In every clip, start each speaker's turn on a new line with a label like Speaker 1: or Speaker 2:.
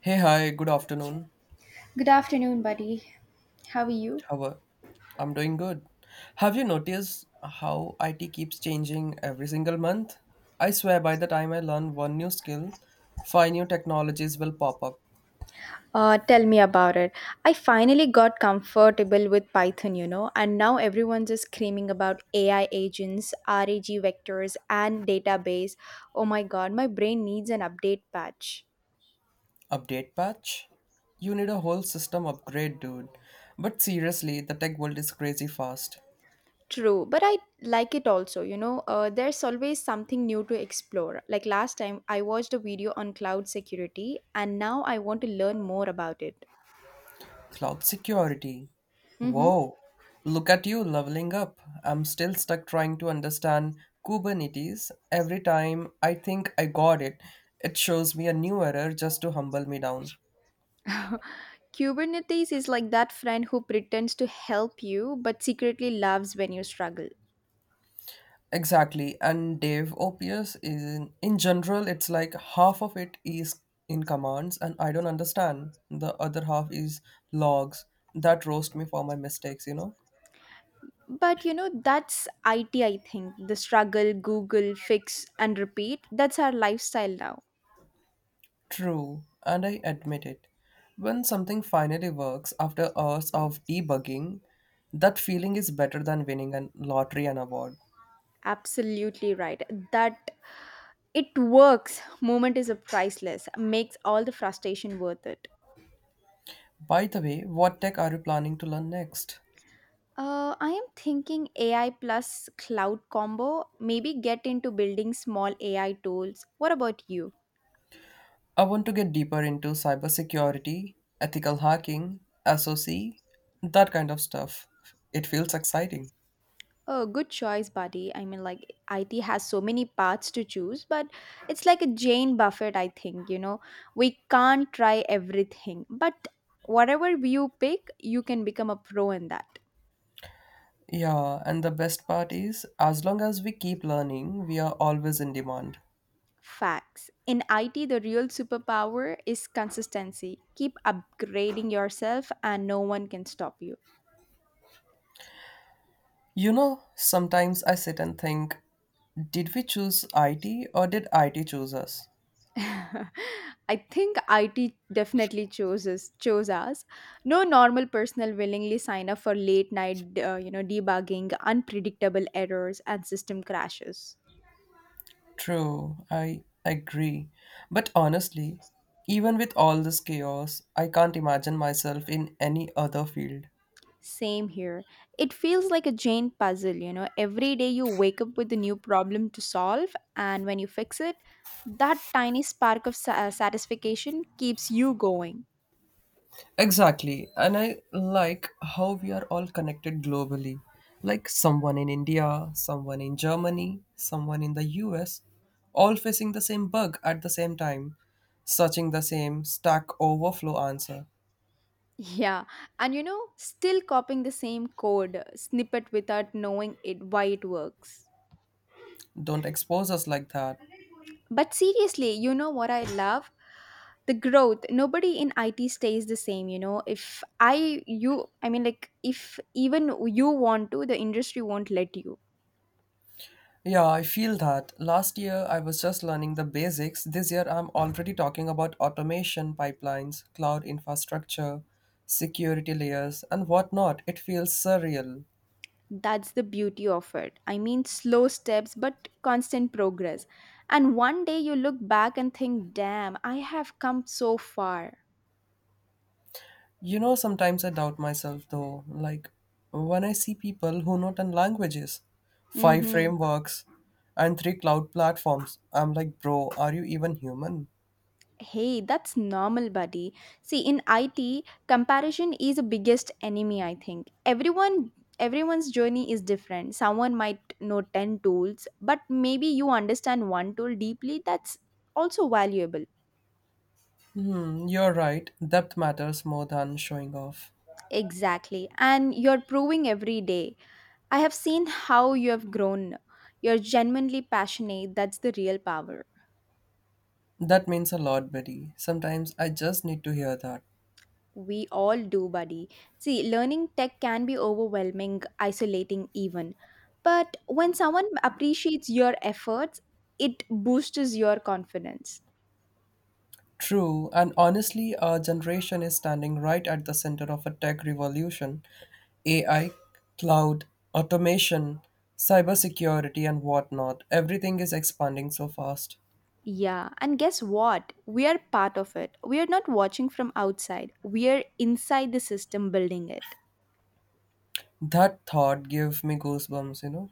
Speaker 1: Hey, hi, good afternoon.
Speaker 2: Good afternoon, buddy. How are you?
Speaker 1: How are I'm doing good. Have you noticed how IT keeps changing every single month? I swear by the time I learn one new skill, five new technologies will pop up.
Speaker 2: Tell me about it. I finally got comfortable with Python, you know, and now everyone's just screaming about AI agents, RAG vectors, and database. Oh my god, my brain needs an update patch.
Speaker 1: Update patch? You need a whole system upgrade, dude. But seriously, the tech world is crazy fast.
Speaker 2: True, but I like it also, you know, there's always something new to explore. Like last time, I watched a video on cloud security, and now I want to learn more about it.
Speaker 1: Cloud security.
Speaker 2: Mm-hmm.
Speaker 1: Whoa, look at you leveling up. I'm still stuck trying to understand Kubernetes. Every time I think I got it, it shows me a new error just to humble me down.
Speaker 2: Kubernetes is like that friend who pretends to help you but secretly loves when you struggle.
Speaker 1: Exactly, and DevOps is in general, it's like half of it is in commands, and I don't understand. The other half is logs that roast me for my mistakes, you know?
Speaker 2: But you know, that's IT, I think. The struggle, Google, fix, and repeat. That's our lifestyle now.
Speaker 1: True, and I admit it. When something finally works after hours of debugging, that feeling is better than winning a lottery and award.
Speaker 2: Absolutely right. That it works. Moment is a priceless, makes all the frustration worth it.
Speaker 1: By the way, what tech are you planning to learn next?
Speaker 2: I am thinking AI plus cloud combo. Maybe get into building small AI tools. What about you?
Speaker 1: I want to get deeper into cybersecurity, ethical hacking, SOC, that kind of stuff. It feels exciting.
Speaker 2: Oh, good choice, buddy. I mean, like, IT has so many paths to choose, but it's like a Jane Buffett, I think, you know. We can't try everything, but whatever you pick, you can become a pro in that.
Speaker 1: Yeah, and the best part is, as long as we keep learning, we are always in demand.
Speaker 2: Facts. In IT, the real superpower is consistency. Keep upgrading yourself, and no one can stop you.
Speaker 1: You know, sometimes I sit and think, did we choose IT or did IT choose us?
Speaker 2: I think IT definitely chooses chose us. No normal person willingly sign up for late night, you know, debugging, unpredictable errors, and system crashes.
Speaker 1: True, I agree. But honestly, even with all this chaos, I can't imagine myself in any other field.
Speaker 2: Same here. It feels like a giant puzzle. You know, every day you wake up with a new problem to solve, and when you fix it, that tiny spark of satisfaction keeps you going.
Speaker 1: Exactly, and I like how we are all connected globally. Like someone in India, someone in Germany, someone in the US, all facing the same bug at the same time, searching the same Stack Overflow answer.
Speaker 2: Yeah, and you know, still copying the same code snippet without knowing it why it works.
Speaker 1: Don't expose us like that.
Speaker 2: But seriously, you know what I love? The growth. Nobody in IT stays the same, you know. If I you I mean like if even you want to, the industry won't let you.
Speaker 1: Yeah, I feel that. Last year I was just learning the basics. This year I'm already talking about automation pipelines, cloud infrastructure, security layers, and whatnot. It feels surreal.
Speaker 2: That's the beauty of it. I mean slow steps but constant progress. And one day you look back and think, "Damn, I have come so far."
Speaker 1: You know, sometimes I doubt myself though, like when I see people who know 10 languages, 5
Speaker 2: Mhm.
Speaker 1: frameworks, and 3 cloud platforms, I'm like, bro, are you even human?
Speaker 2: Hey, that's normal, buddy. See, in IT, comparison is the biggest enemy, I think. Everyone's journey is different. Someone might know 10 tools, but maybe you understand one tool deeply. That's also valuable.
Speaker 1: Hmm, you're right. Depth matters more than showing off.
Speaker 2: Exactly. And you're proving every day. I have seen how you have grown. You're genuinely passionate. That's the real power.
Speaker 1: That means a lot, Betty. Sometimes I just need to hear that.
Speaker 2: We all do, buddy. See, learning tech can be overwhelming, isolating even. But when someone appreciates your efforts, it boosts your confidence.
Speaker 1: True, and honestly, our generation is standing right at the center of a tech revolution: AI, cloud, automation, cybersecurity, and whatnot. Everything is expanding so fast.
Speaker 2: Yeah, and guess what? We are part of it. We are not watching from outside, we are inside the system building it.
Speaker 1: That thought gave me goosebumps, you know?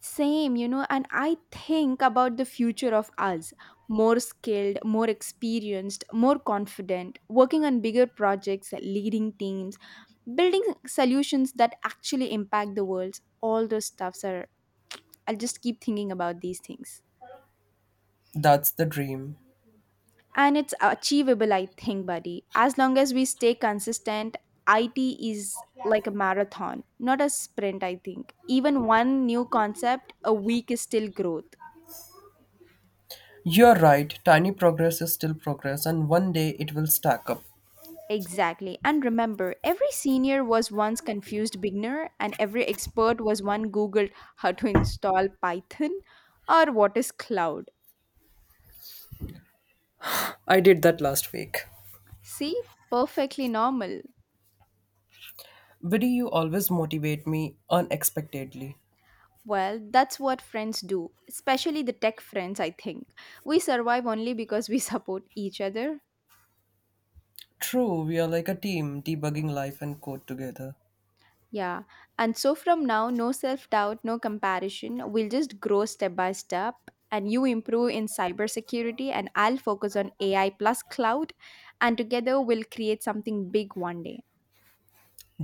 Speaker 2: Same, you know, and I think about the future of us, more skilled, more experienced, more confident, working on bigger projects, leading teams, building solutions that actually impact the world. All those stuffs are, I'll just keep thinking about these things.
Speaker 1: That's the dream.
Speaker 2: And it's achievable, I think, buddy. As long as we stay consistent, IT is like a marathon, not a sprint, I think. Even one new concept a week is still growth.
Speaker 1: You're right, tiny progress is still progress, and one day it will stack up.
Speaker 2: Exactly. And remember, every senior was once confused beginner, and every expert was one Googled how to install Python or what is cloud.
Speaker 1: I did that last week.
Speaker 2: See, perfectly normal.
Speaker 1: Biddy, you always motivate me unexpectedly.
Speaker 2: Well, that's what friends do, especially the tech friends, I think. We survive only because we support each other.
Speaker 1: True, we are like a team debugging life and code together.
Speaker 2: Yeah. And so from now, no self doubt, no comparison. We'll just grow step by step. And you improve in cybersecurity, and I'll focus on AI plus cloud. And together, we'll create something big one day.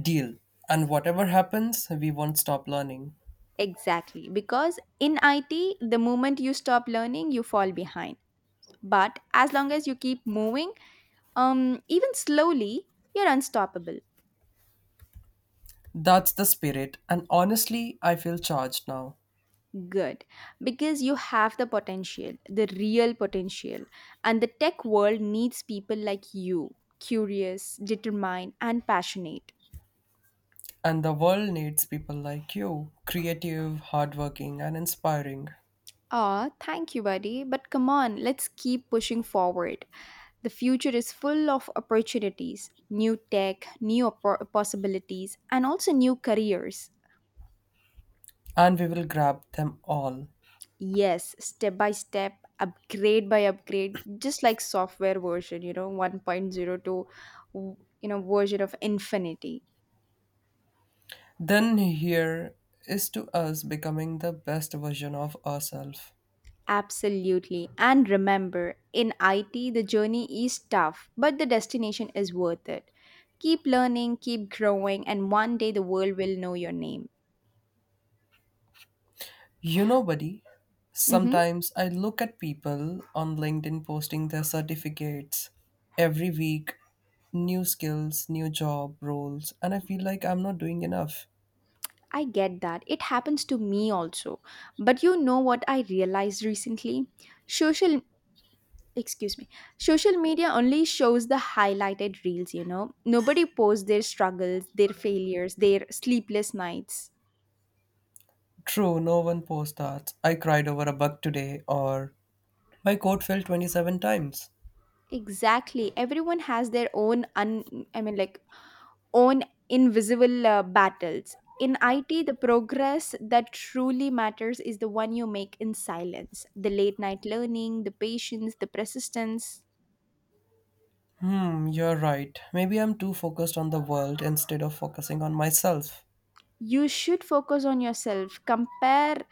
Speaker 1: Deal. And whatever happens, we won't stop learning.
Speaker 2: Exactly. Because in IT, the moment you stop learning, you fall behind. But as long as you keep moving, even slowly, you're unstoppable.
Speaker 1: That's the spirit, and honestly, I feel charged now.
Speaker 2: Good, because you have the potential, the real potential, and the tech world needs people like you, curious, determined, and passionate.
Speaker 1: And the world needs people like you: creative, hardworking, and inspiring.
Speaker 2: Ah, thank you, buddy, but come on, let's keep pushing forward. The future is full of opportunities, new tech, new possibilities, and also new careers.
Speaker 1: And we will grab them all.
Speaker 2: Yes, step by step, upgrade by upgrade, just like software version, you know, one point zero to, you know, version of infinity.
Speaker 1: Then, here is to us becoming the best version of ourselves.
Speaker 2: Absolutely. And remember, in IT, the journey is tough, but the destination is worth it. Keep learning, keep growing, and one day the world will know your name.
Speaker 1: You know, buddy,
Speaker 2: Mm-hmm.
Speaker 1: sometimes I look at people on LinkedIn posting their certificates every week, new skills, new job roles, and I feel like I'm not doing enough.
Speaker 2: I get that. It happens to me also. But you know what I realized recently? Social excuse me social media only shows the highlighted reels, you know, nobody posts their struggles, their failures, their sleepless nights.
Speaker 1: True, no one posts that. I cried over a bug today, or my code fell 27 times.
Speaker 2: Exactly, everyone has their own, un I mean like own invisible battles. In IT, the progress that truly matters is the one you make in silence, the late night learning, the patience, the persistence.
Speaker 1: Hmm, you're right. Maybe I'm too focused on the world instead of focusing on myself.
Speaker 2: You should focus on yourself. Compare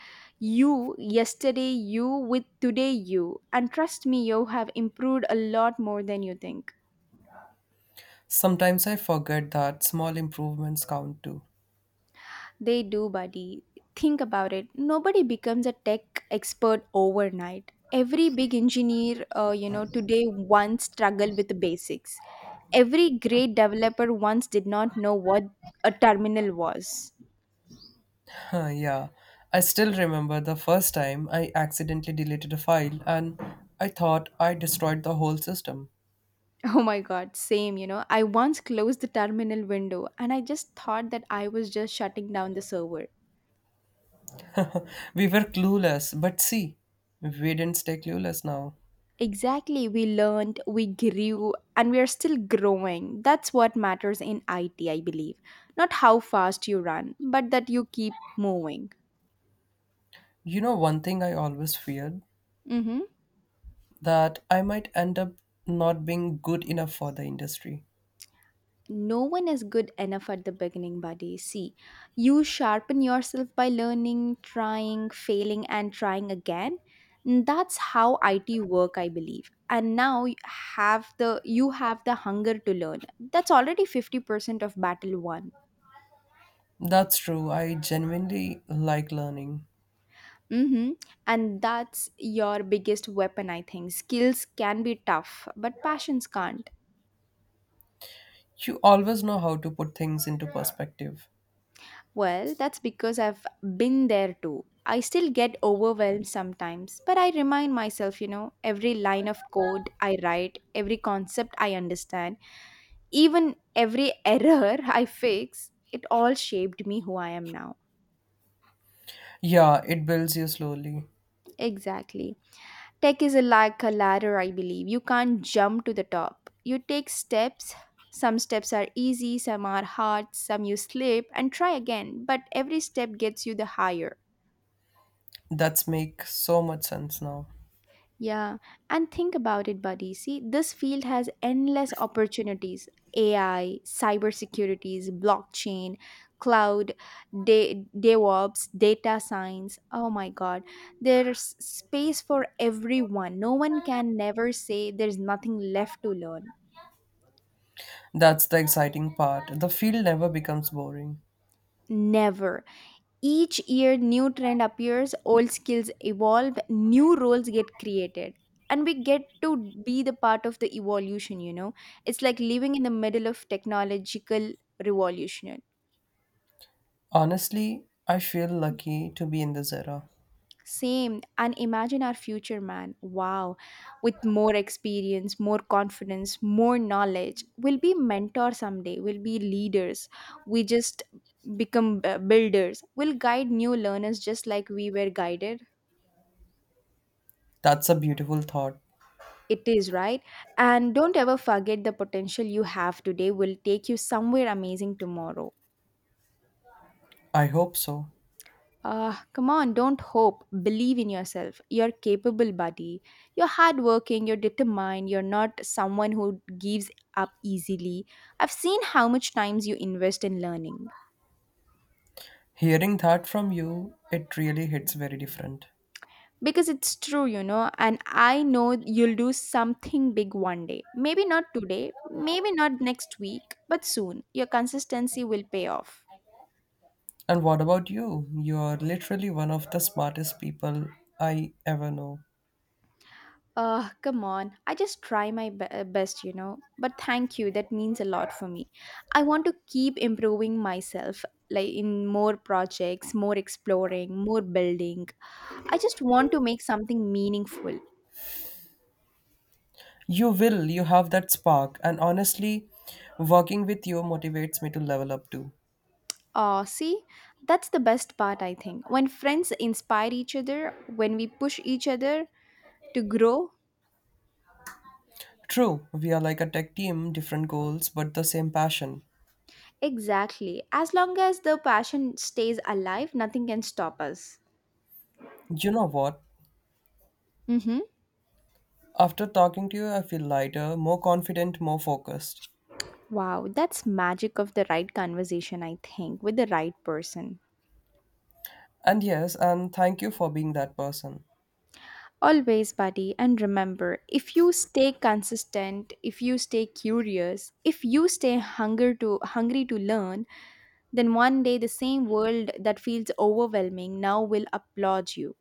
Speaker 2: you, yesterday you, with today you. And trust me, you have improved a lot more than you think.
Speaker 1: Sometimes I forget that small improvements count too.
Speaker 2: They do, buddy. Think about it. Nobody becomes a tech expert overnight. Every big engineer, you know, today once struggled with the basics. Every great developer once did not know what a terminal was.
Speaker 1: Huh, yeah, I still remember the first time I accidentally deleted a file and I thought I destroyed the whole system.
Speaker 2: Oh my god, same, you know. I once closed the terminal window and I just thought that I was just shutting down the server.
Speaker 1: We were clueless, but see, we didn't stay clueless now.
Speaker 2: Exactly, we learned, we grew, and we are still growing. That's what matters in IT, I believe. Not how fast you run, but that you keep moving.
Speaker 1: You know, one thing I always feared
Speaker 2: Mm-hmm.
Speaker 1: that I might end up not being good enough for the industry.
Speaker 2: No one is good enough at the beginning, buddy. See, you sharpen yourself by learning, trying, failing, and trying again. And that's how IT work, I believe. And now you have the hunger to learn. That's already 50% of battle won.
Speaker 1: That's true, I genuinely like learning.
Speaker 2: Mm-hmm. And that's your biggest weapon, I think. Skills can be tough, but passions can't.
Speaker 1: You always know how to put things into perspective.
Speaker 2: Well, that's because I've been there too. I still get overwhelmed sometimes, but I remind myself, you know, every line of code I write, every concept I understand, even every error I fix, it all shaped me who I am now.
Speaker 1: Yeah, it builds you slowly.
Speaker 2: Exactly. Tech is a, like a ladder, I believe. You can't jump to the top. You take steps. Some steps are easy, some are hard, some you slip and try again. But every step gets you the higher.
Speaker 1: That's make so much sense now.
Speaker 2: Yeah, and think about it, buddy. See, this field has endless opportunities, AI, cybersecurities, blockchain, cloud, DevOps, data science. Oh my God. There's space for everyone. No one can never say there's nothing left to learn.
Speaker 1: That's the exciting part. The field never becomes boring.
Speaker 2: Never. Each year, new trend appears, old skills evolve, new roles get created, and we get to be the part of the evolution. You know, it's like living in the middle of technological revolution.
Speaker 1: Honestly, I feel lucky to be in this era.
Speaker 2: Same, and imagine our future, man. Wow, with more experience, more confidence, more knowledge, we'll be mentors someday. We'll be leaders. We just become builders. We'll guide new learners just like we were guided.
Speaker 1: That's a beautiful thought.
Speaker 2: It is right. And don't ever forget, the potential you have today will take you somewhere amazing tomorrow.
Speaker 1: I hope so.
Speaker 2: Come on, don't hope. Believe in yourself. You're capable, buddy. You're hardworking, you're determined, you're not someone who gives up easily. I've seen how much times you invest in learning.
Speaker 1: Hearing that from you, it really hits very different.
Speaker 2: Because it's true, you know, and I know you'll do something big one day. Maybe not today, maybe not next week, but soon. Your consistency will pay off.
Speaker 1: And what about you? You're literally one of the smartest people I ever know.
Speaker 2: Come on. I just try my best, you know. But thank you. That means a lot for me. I want to keep improving myself, like in more projects, more exploring, more building. I just want to make something meaningful.
Speaker 1: You will, you have that spark, and honestly, working with you motivates me to level up too.
Speaker 2: See, that's the best part, I think. When friends inspire each other, when we push each other to grow.
Speaker 1: True, we are like a tech team, different goals, but the same passion.
Speaker 2: Exactly. As long as the passion stays alive, nothing can stop us.
Speaker 1: You know what?
Speaker 2: Mm-hmm.
Speaker 1: After talking to you, I feel lighter, more confident, more focused.
Speaker 2: Wow, that's magic of the right conversation, I think, with the right person.
Speaker 1: And yes, and thank you for being that person.
Speaker 2: Always, buddy, and remember, if you stay consistent, if you stay curious, if you stay hunger to hungry to learn, then one day the same world that feels overwhelming now will applaud you.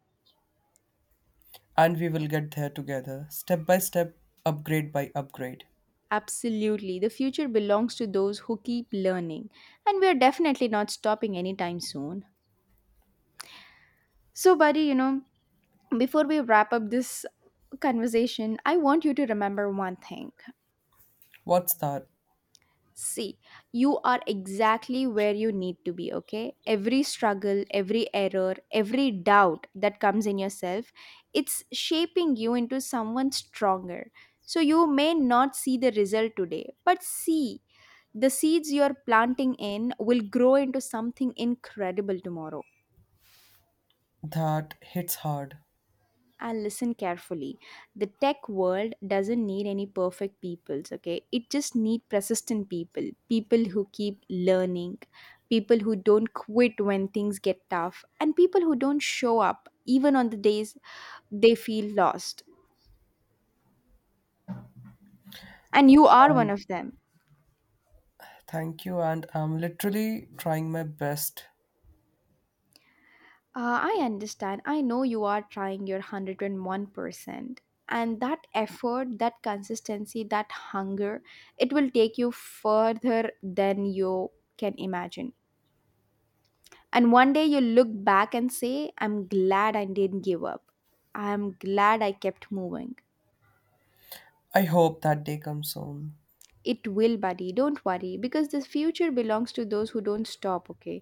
Speaker 1: And we will get there together, step by step, upgrade by upgrade.
Speaker 2: Absolutely. The future belongs to those who keep learning. And we are definitely not stopping anytime soon. So, buddy, you know, before we wrap up this conversation, I want you to remember one thing.
Speaker 1: What's that?
Speaker 2: See, you are exactly where you need to be, okay? Every struggle, every error, every doubt that comes in yourself, it's shaping you into someone stronger. So you may not see the result today, but see, the seeds you're planting in will grow into something incredible tomorrow.
Speaker 1: That hits hard.
Speaker 2: And listen carefully, the tech world doesn't need any perfect peoples, okay, it just need persistent people who keep learning, people who don't quit when things get tough, and people who don't show up even on the days they feel lost. And you are one
Speaker 1: And
Speaker 2: of them.
Speaker 1: thank you, and I'm literally trying my best.
Speaker 2: I understand, I know you are trying your 101%, and that effort, that consistency, that hunger, it will take you further than you can imagine. And one day you look back and say, I'm glad I didn't give up. I'm glad I kept moving.
Speaker 1: I hope that day comes soon.
Speaker 2: It will, buddy. Don't worry, because this future belongs to those who don't stop, okay?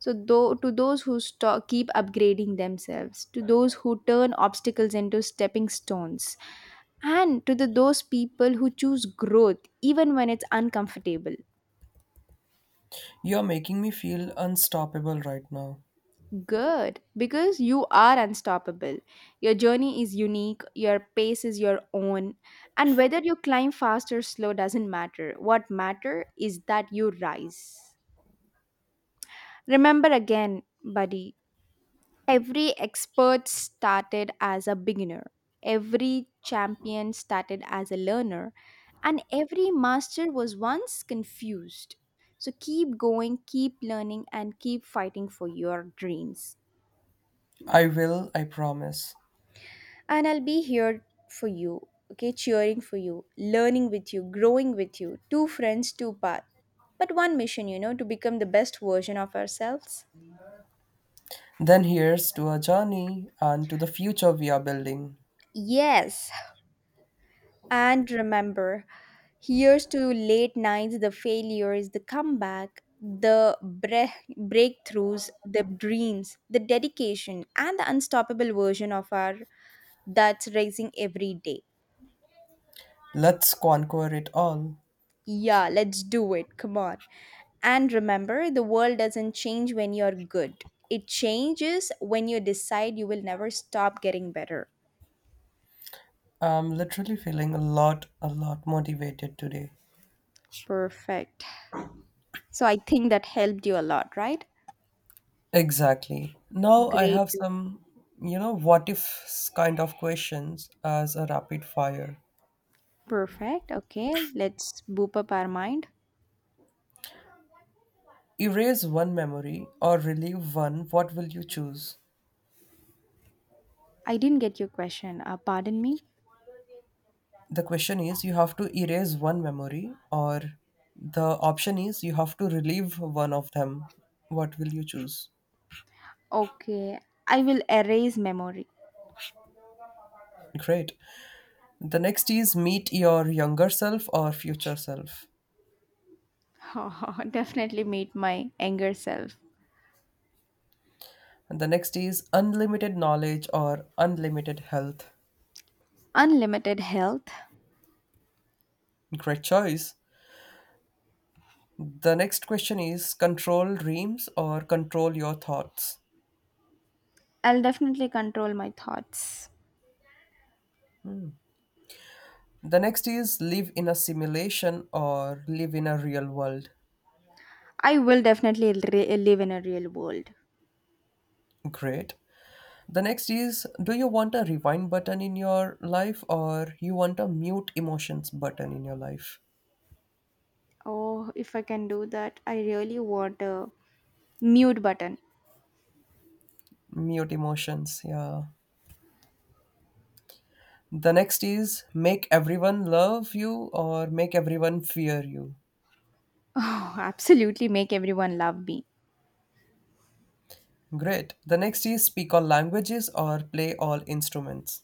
Speaker 2: So, though, to those who stop, keep upgrading themselves, to those who turn obstacles into stepping stones, and to those people who choose growth even when it's uncomfortable.
Speaker 1: You're making me feel unstoppable right now.
Speaker 2: Good, because you are unstoppable. Your journey is unique, your pace is your own, and whether you climb fast or slow doesn't matter. What matter is that you rise. Remember again, buddy, every expert started as a beginner, every champion started as a learner, and every master was once confused. So keep going, keep learning, and keep fighting for your dreams.
Speaker 1: I will, I promise.
Speaker 2: And I'll be here for you, okay, cheering for you, learning with you, growing with you. Two friends, two paths, but one mission, to become the best version of ourselves.
Speaker 1: Then here's to our journey and to the future we are building.
Speaker 2: Yes. And remember, here's to late nights, the failures, the comeback, the breakthroughs, the dreams, the dedication, and the unstoppable version of our that's rising every day.
Speaker 1: Let's conquer it all.
Speaker 2: Yeah, let's do it. Come on. And remember, the world doesn't change when you're good. It changes when you decide you will never stop getting better.
Speaker 1: I'm literally feeling a lot motivated today.
Speaker 2: Perfect. So I think that helped you a lot, right?
Speaker 1: Exactly. Now I
Speaker 2: Great.
Speaker 1: have some, you know, what if kind of questions as a rapid fire.
Speaker 2: Perfect. Okay, let's boop up our mind.
Speaker 1: Erase one memory or relieve one, what will you choose?
Speaker 2: I didn't get your question. Pardon me.
Speaker 1: The question is you have to erase one memory, or the option is you have to relieve one of them. What will you choose?
Speaker 2: Okay, I will erase memory.
Speaker 1: Great. The next is meet your younger self or future self.
Speaker 2: Definitely meet my anger self.
Speaker 1: And the next is unlimited knowledge or unlimited health.
Speaker 2: Unlimited health.
Speaker 1: Great choice. The next question is control dreams or control your thoughts.
Speaker 2: I'll definitely control my thoughts.
Speaker 1: The next is live in a simulation or live in a real world.
Speaker 2: I will definitely live in a real world.
Speaker 1: Great. The next is, do you want a rewind button in your life or you want a mute emotions button in your life?
Speaker 2: Oh, if I can do that, I really want a mute button.
Speaker 1: Mute emotions, yeah. The next is make everyone love you or make everyone fear you.
Speaker 2: Oh, absolutely make everyone love me.
Speaker 1: Great. The next is speak all languages or play all instruments.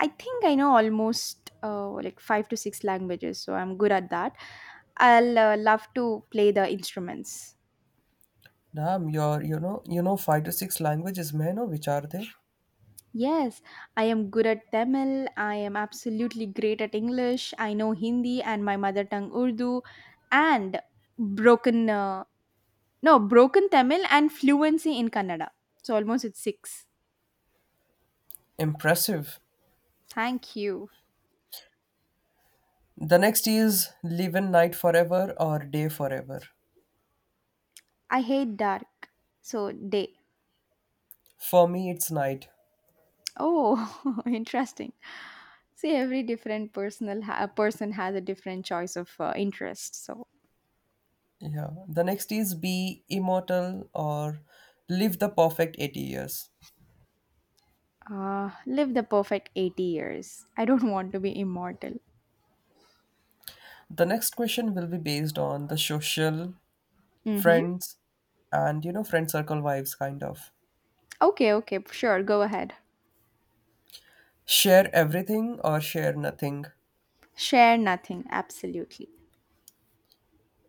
Speaker 2: I think I know almost like five to six languages, so I'm good at that. I'll love to play the instruments.
Speaker 1: Damn, you're, you know five to six languages, man. Oh, which are they?
Speaker 2: Yes, I am good at Tamil. I am absolutely great at English. I know Hindi and my mother tongue Urdu, and broken no, broken Tamil and fluency in Kannada. So almost it's six.
Speaker 1: Impressive.
Speaker 2: Thank you.
Speaker 1: The next is live in night forever or day forever.
Speaker 2: I hate dark, so day.
Speaker 1: For me, it's night.
Speaker 2: Oh, interesting. See, every different person has a different choice of interest. So
Speaker 1: Yeah. The next is be immortal or live the perfect 80 years.
Speaker 2: live the perfect 80 years. I don't want to be immortal.
Speaker 1: The next question will be based on the social,
Speaker 2: Mm-hmm.
Speaker 1: friends, and you know, friend circle vibes kind of.
Speaker 2: Okay, okay, sure. Go ahead.
Speaker 1: Share everything or share nothing.
Speaker 2: Share nothing. Absolutely.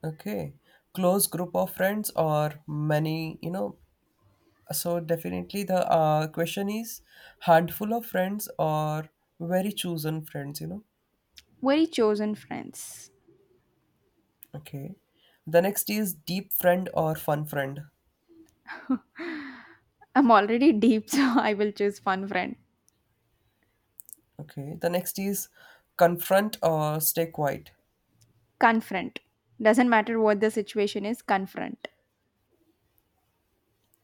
Speaker 1: Okay. Close group of friends or many, you know. So definitely the question is handful of friends or very chosen friends, you know.
Speaker 2: Very chosen friends.
Speaker 1: Okay. The next is deep friend or fun friend.
Speaker 2: I'm already deep, so I will choose one friend.
Speaker 1: Okay. The next is confront or stay quiet.
Speaker 2: Confront. Doesn't matter what the situation is, confront.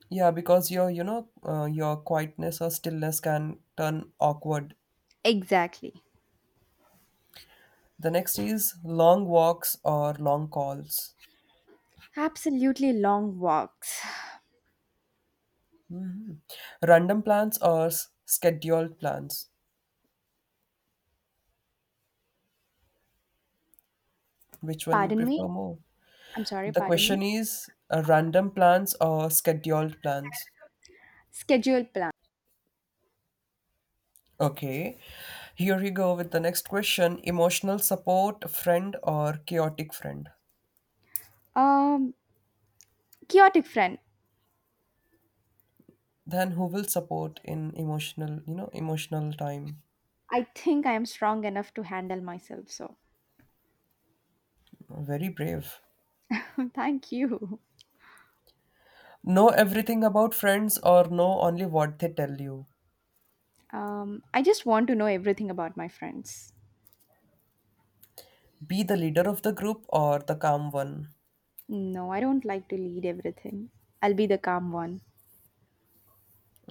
Speaker 1: Yeah, because your, you know, your quietness or stillness can turn awkward.
Speaker 2: Exactly.
Speaker 1: The next is long walks or long calls.
Speaker 2: Absolutely long walks.
Speaker 1: Random plans or scheduled plans. Which one you
Speaker 2: Pardon me.
Speaker 1: prefer more?
Speaker 2: I'm sorry,
Speaker 1: The
Speaker 2: pardon me.
Speaker 1: question is random plans or scheduled plans?
Speaker 2: Schedule plan.
Speaker 1: Okay, here we go with the next question: emotional support friend or chaotic friend?
Speaker 2: Um, Chaotic friend.
Speaker 1: Then who will support in emotional, you know, emotional time?
Speaker 2: I think I am strong enough to handle myself, so
Speaker 1: Very brave.
Speaker 2: thank you.
Speaker 1: Know everything about friends or know only what they tell you.
Speaker 2: I just want to know everything about my friends.
Speaker 1: Be the leader of the group or the calm one.
Speaker 2: No, I don't like to lead everything. I'll be the calm one.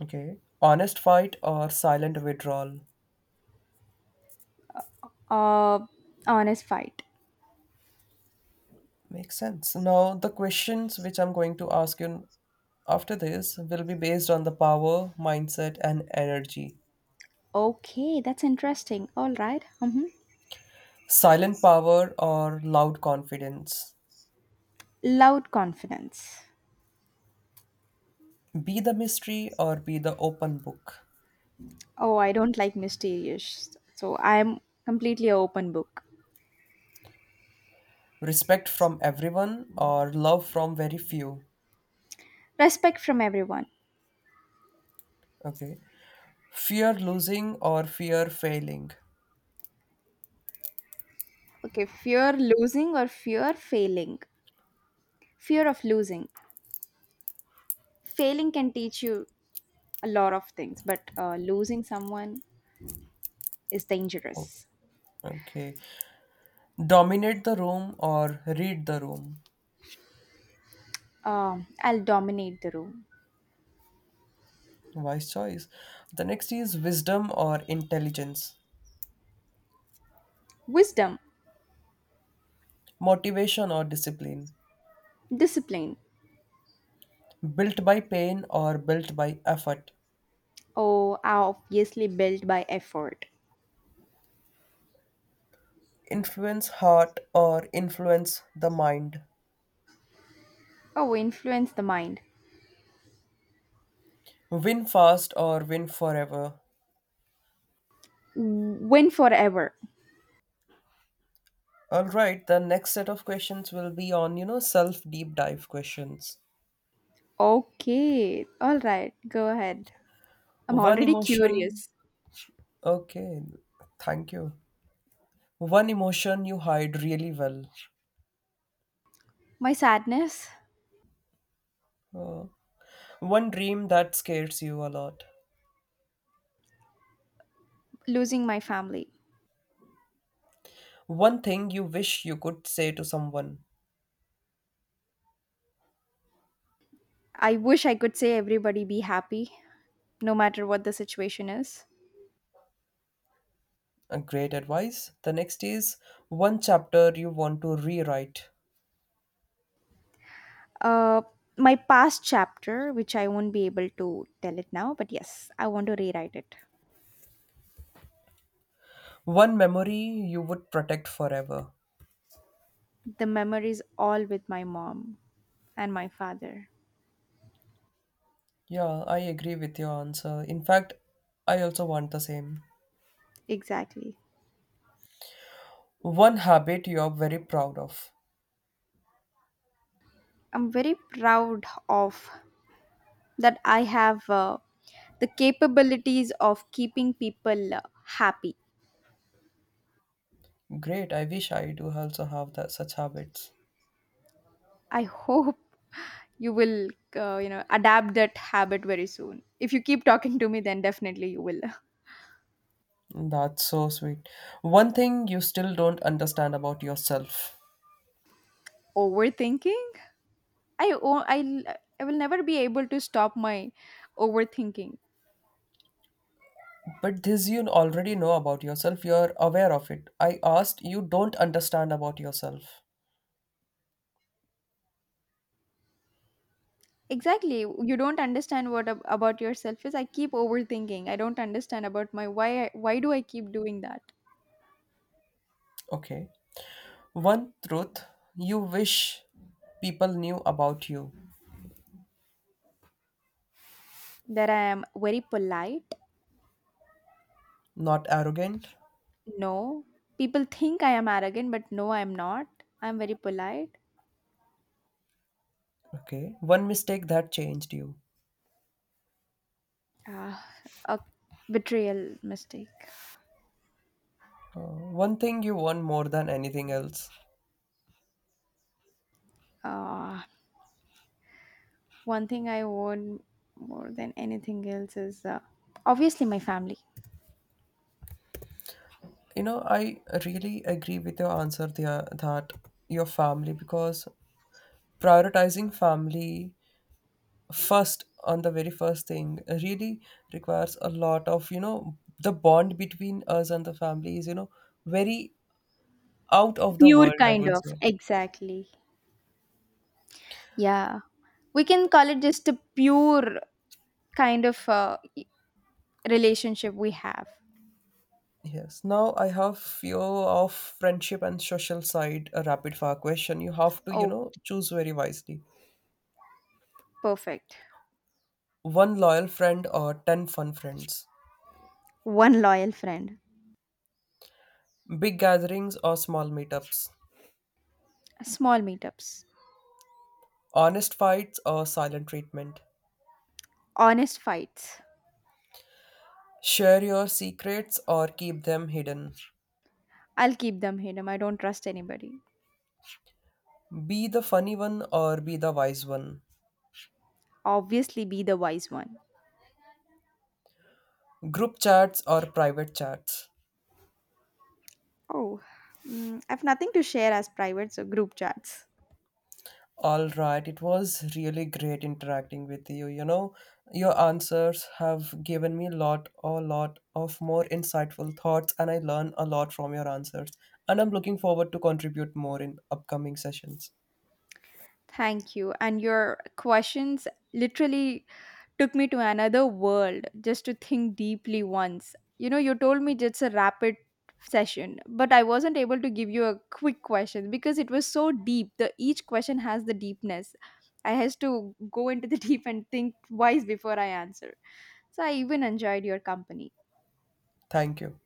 Speaker 1: Okay. Honest fight or silent withdrawal.
Speaker 2: Uh, Honest fight.
Speaker 1: Makes sense. Now, the questions which I'm going to ask you after this will be based on the power, mindset, and energy.
Speaker 2: Okay, that's interesting. All right. Mm-hmm.
Speaker 1: Silent power or loud confidence.
Speaker 2: Loud confidence.
Speaker 1: Be the mystery or be the open book.
Speaker 2: Oh, I don't like mysterious, so I'm completely a open book.
Speaker 1: Respect from everyone or love from very few.
Speaker 2: Respect from everyone.
Speaker 1: Okay. Fear losing or fear failing.
Speaker 2: Okay, fear losing or fear failing. Fear of losing. Failing can teach you a lot of things, but losing someone is
Speaker 1: Oh,
Speaker 2: dangerous.
Speaker 1: okay. Dominate the room or read the room.
Speaker 2: I'll dominate the room.
Speaker 1: Wise choice. The next is wisdom or intelligence.
Speaker 2: Wisdom,
Speaker 1: Motivation or discipline,
Speaker 2: discipline.
Speaker 1: built by pain or built by effort,
Speaker 2: Oh, are obviously built by effort.
Speaker 1: influence heart or influence the mind,
Speaker 2: Oh, influence the mind.
Speaker 1: win fast or win forever.
Speaker 2: Win forever.
Speaker 1: All right, the next set of questions will be on, you know, self deep dive questions.
Speaker 2: Okay, all right, go ahead. I'm
Speaker 1: One
Speaker 2: already
Speaker 1: emotion,
Speaker 2: curious.
Speaker 1: okay, thank you. One emotion you hide really well.
Speaker 2: My sadness,
Speaker 1: Uh, one dream that scares you a lot.
Speaker 2: losing my family.
Speaker 1: One thing you wish you could say to someone.
Speaker 2: I wish I could say everybody be happy, no matter what the situation is.
Speaker 1: A great advice. The next is one chapter you want to rewrite,
Speaker 2: Uh, my past chapter, which I won't be able to tell it now, but yes, I want to rewrite it.
Speaker 1: one memory you would protect forever.
Speaker 2: The memories all with my mom and my father.
Speaker 1: Yeah, I agree with your answer. In fact, I also want the same.
Speaker 2: Exactly.
Speaker 1: One habit you are very proud of.
Speaker 2: I'm very proud of that I have the capabilities of keeping people happy.
Speaker 1: Great. I wish I do also have that such habits.
Speaker 2: I hope you will adapt that habit very soon. If you keep talking to me, then definitely you will.
Speaker 1: That's so sweet. One thing you still don't understand about yourself.
Speaker 2: Overthinking? I will never be able to stop my overthinking.
Speaker 1: But this you already know about yourself. You're aware of it. I asked you don't understand about yourself.
Speaker 2: Exactly. You don't understand what about yourself is. I keep overthinking. I don't understand about my why. I- Why do I keep doing that?
Speaker 1: Okay. One truth you wish people knew about you.
Speaker 2: That I am very polite.
Speaker 1: Not arrogant.
Speaker 2: No, people think I am arrogant, but no, I am not. I am very polite.
Speaker 1: Okay. One mistake that changed you.
Speaker 2: Uh, a betrayal mistake.
Speaker 1: Uh, one thing you want more than anything else.
Speaker 2: Uh, One thing I own more than anything else is obviously my family.
Speaker 1: You know, I really agree with your answer there that your family, because prioritizing family first on the very first thing really requires a lot of, you know, the bond between us and the family is, you know, very out of the
Speaker 2: Pure
Speaker 1: world, I
Speaker 2: kind
Speaker 1: will
Speaker 2: of,
Speaker 1: say.
Speaker 2: exactly. Yeah. We can call it just a pure kind of relationship we have.
Speaker 1: Yes. Now I have few of friendship and social side a rapid fire question. You have to, you
Speaker 2: Oh,
Speaker 1: know, choose very wisely.
Speaker 2: perfect.
Speaker 1: One loyal friend or 10 fun friends.
Speaker 2: One loyal friend.
Speaker 1: Big gatherings or small meetups.
Speaker 2: Small meetups.
Speaker 1: Honest fights or silent treatment.
Speaker 2: Honest fights.
Speaker 1: Share your secrets or keep them hidden.
Speaker 2: I'll keep them hidden. I don't trust anybody.
Speaker 1: Be the funny one or be the wise one.
Speaker 2: Obviously, be the wise one.
Speaker 1: Group chats or private chats.
Speaker 2: Oh, mm, I've nothing to share as private, so group chats.
Speaker 1: All right, it was really great interacting with you. You know, your answers have given me a lot of more insightful thoughts, and I learn a lot from your answers. And I'm looking forward to contribute more in upcoming sessions.
Speaker 2: Thank you. And your questions literally took me to another world just to think deeply once. You know, you told me it's a rapid session, but I wasn't able to give you a quick question because it was so deep. The each question has the deepness. I has to go into the deep and think twice before I answer. So I even enjoyed your company.
Speaker 1: Thank you.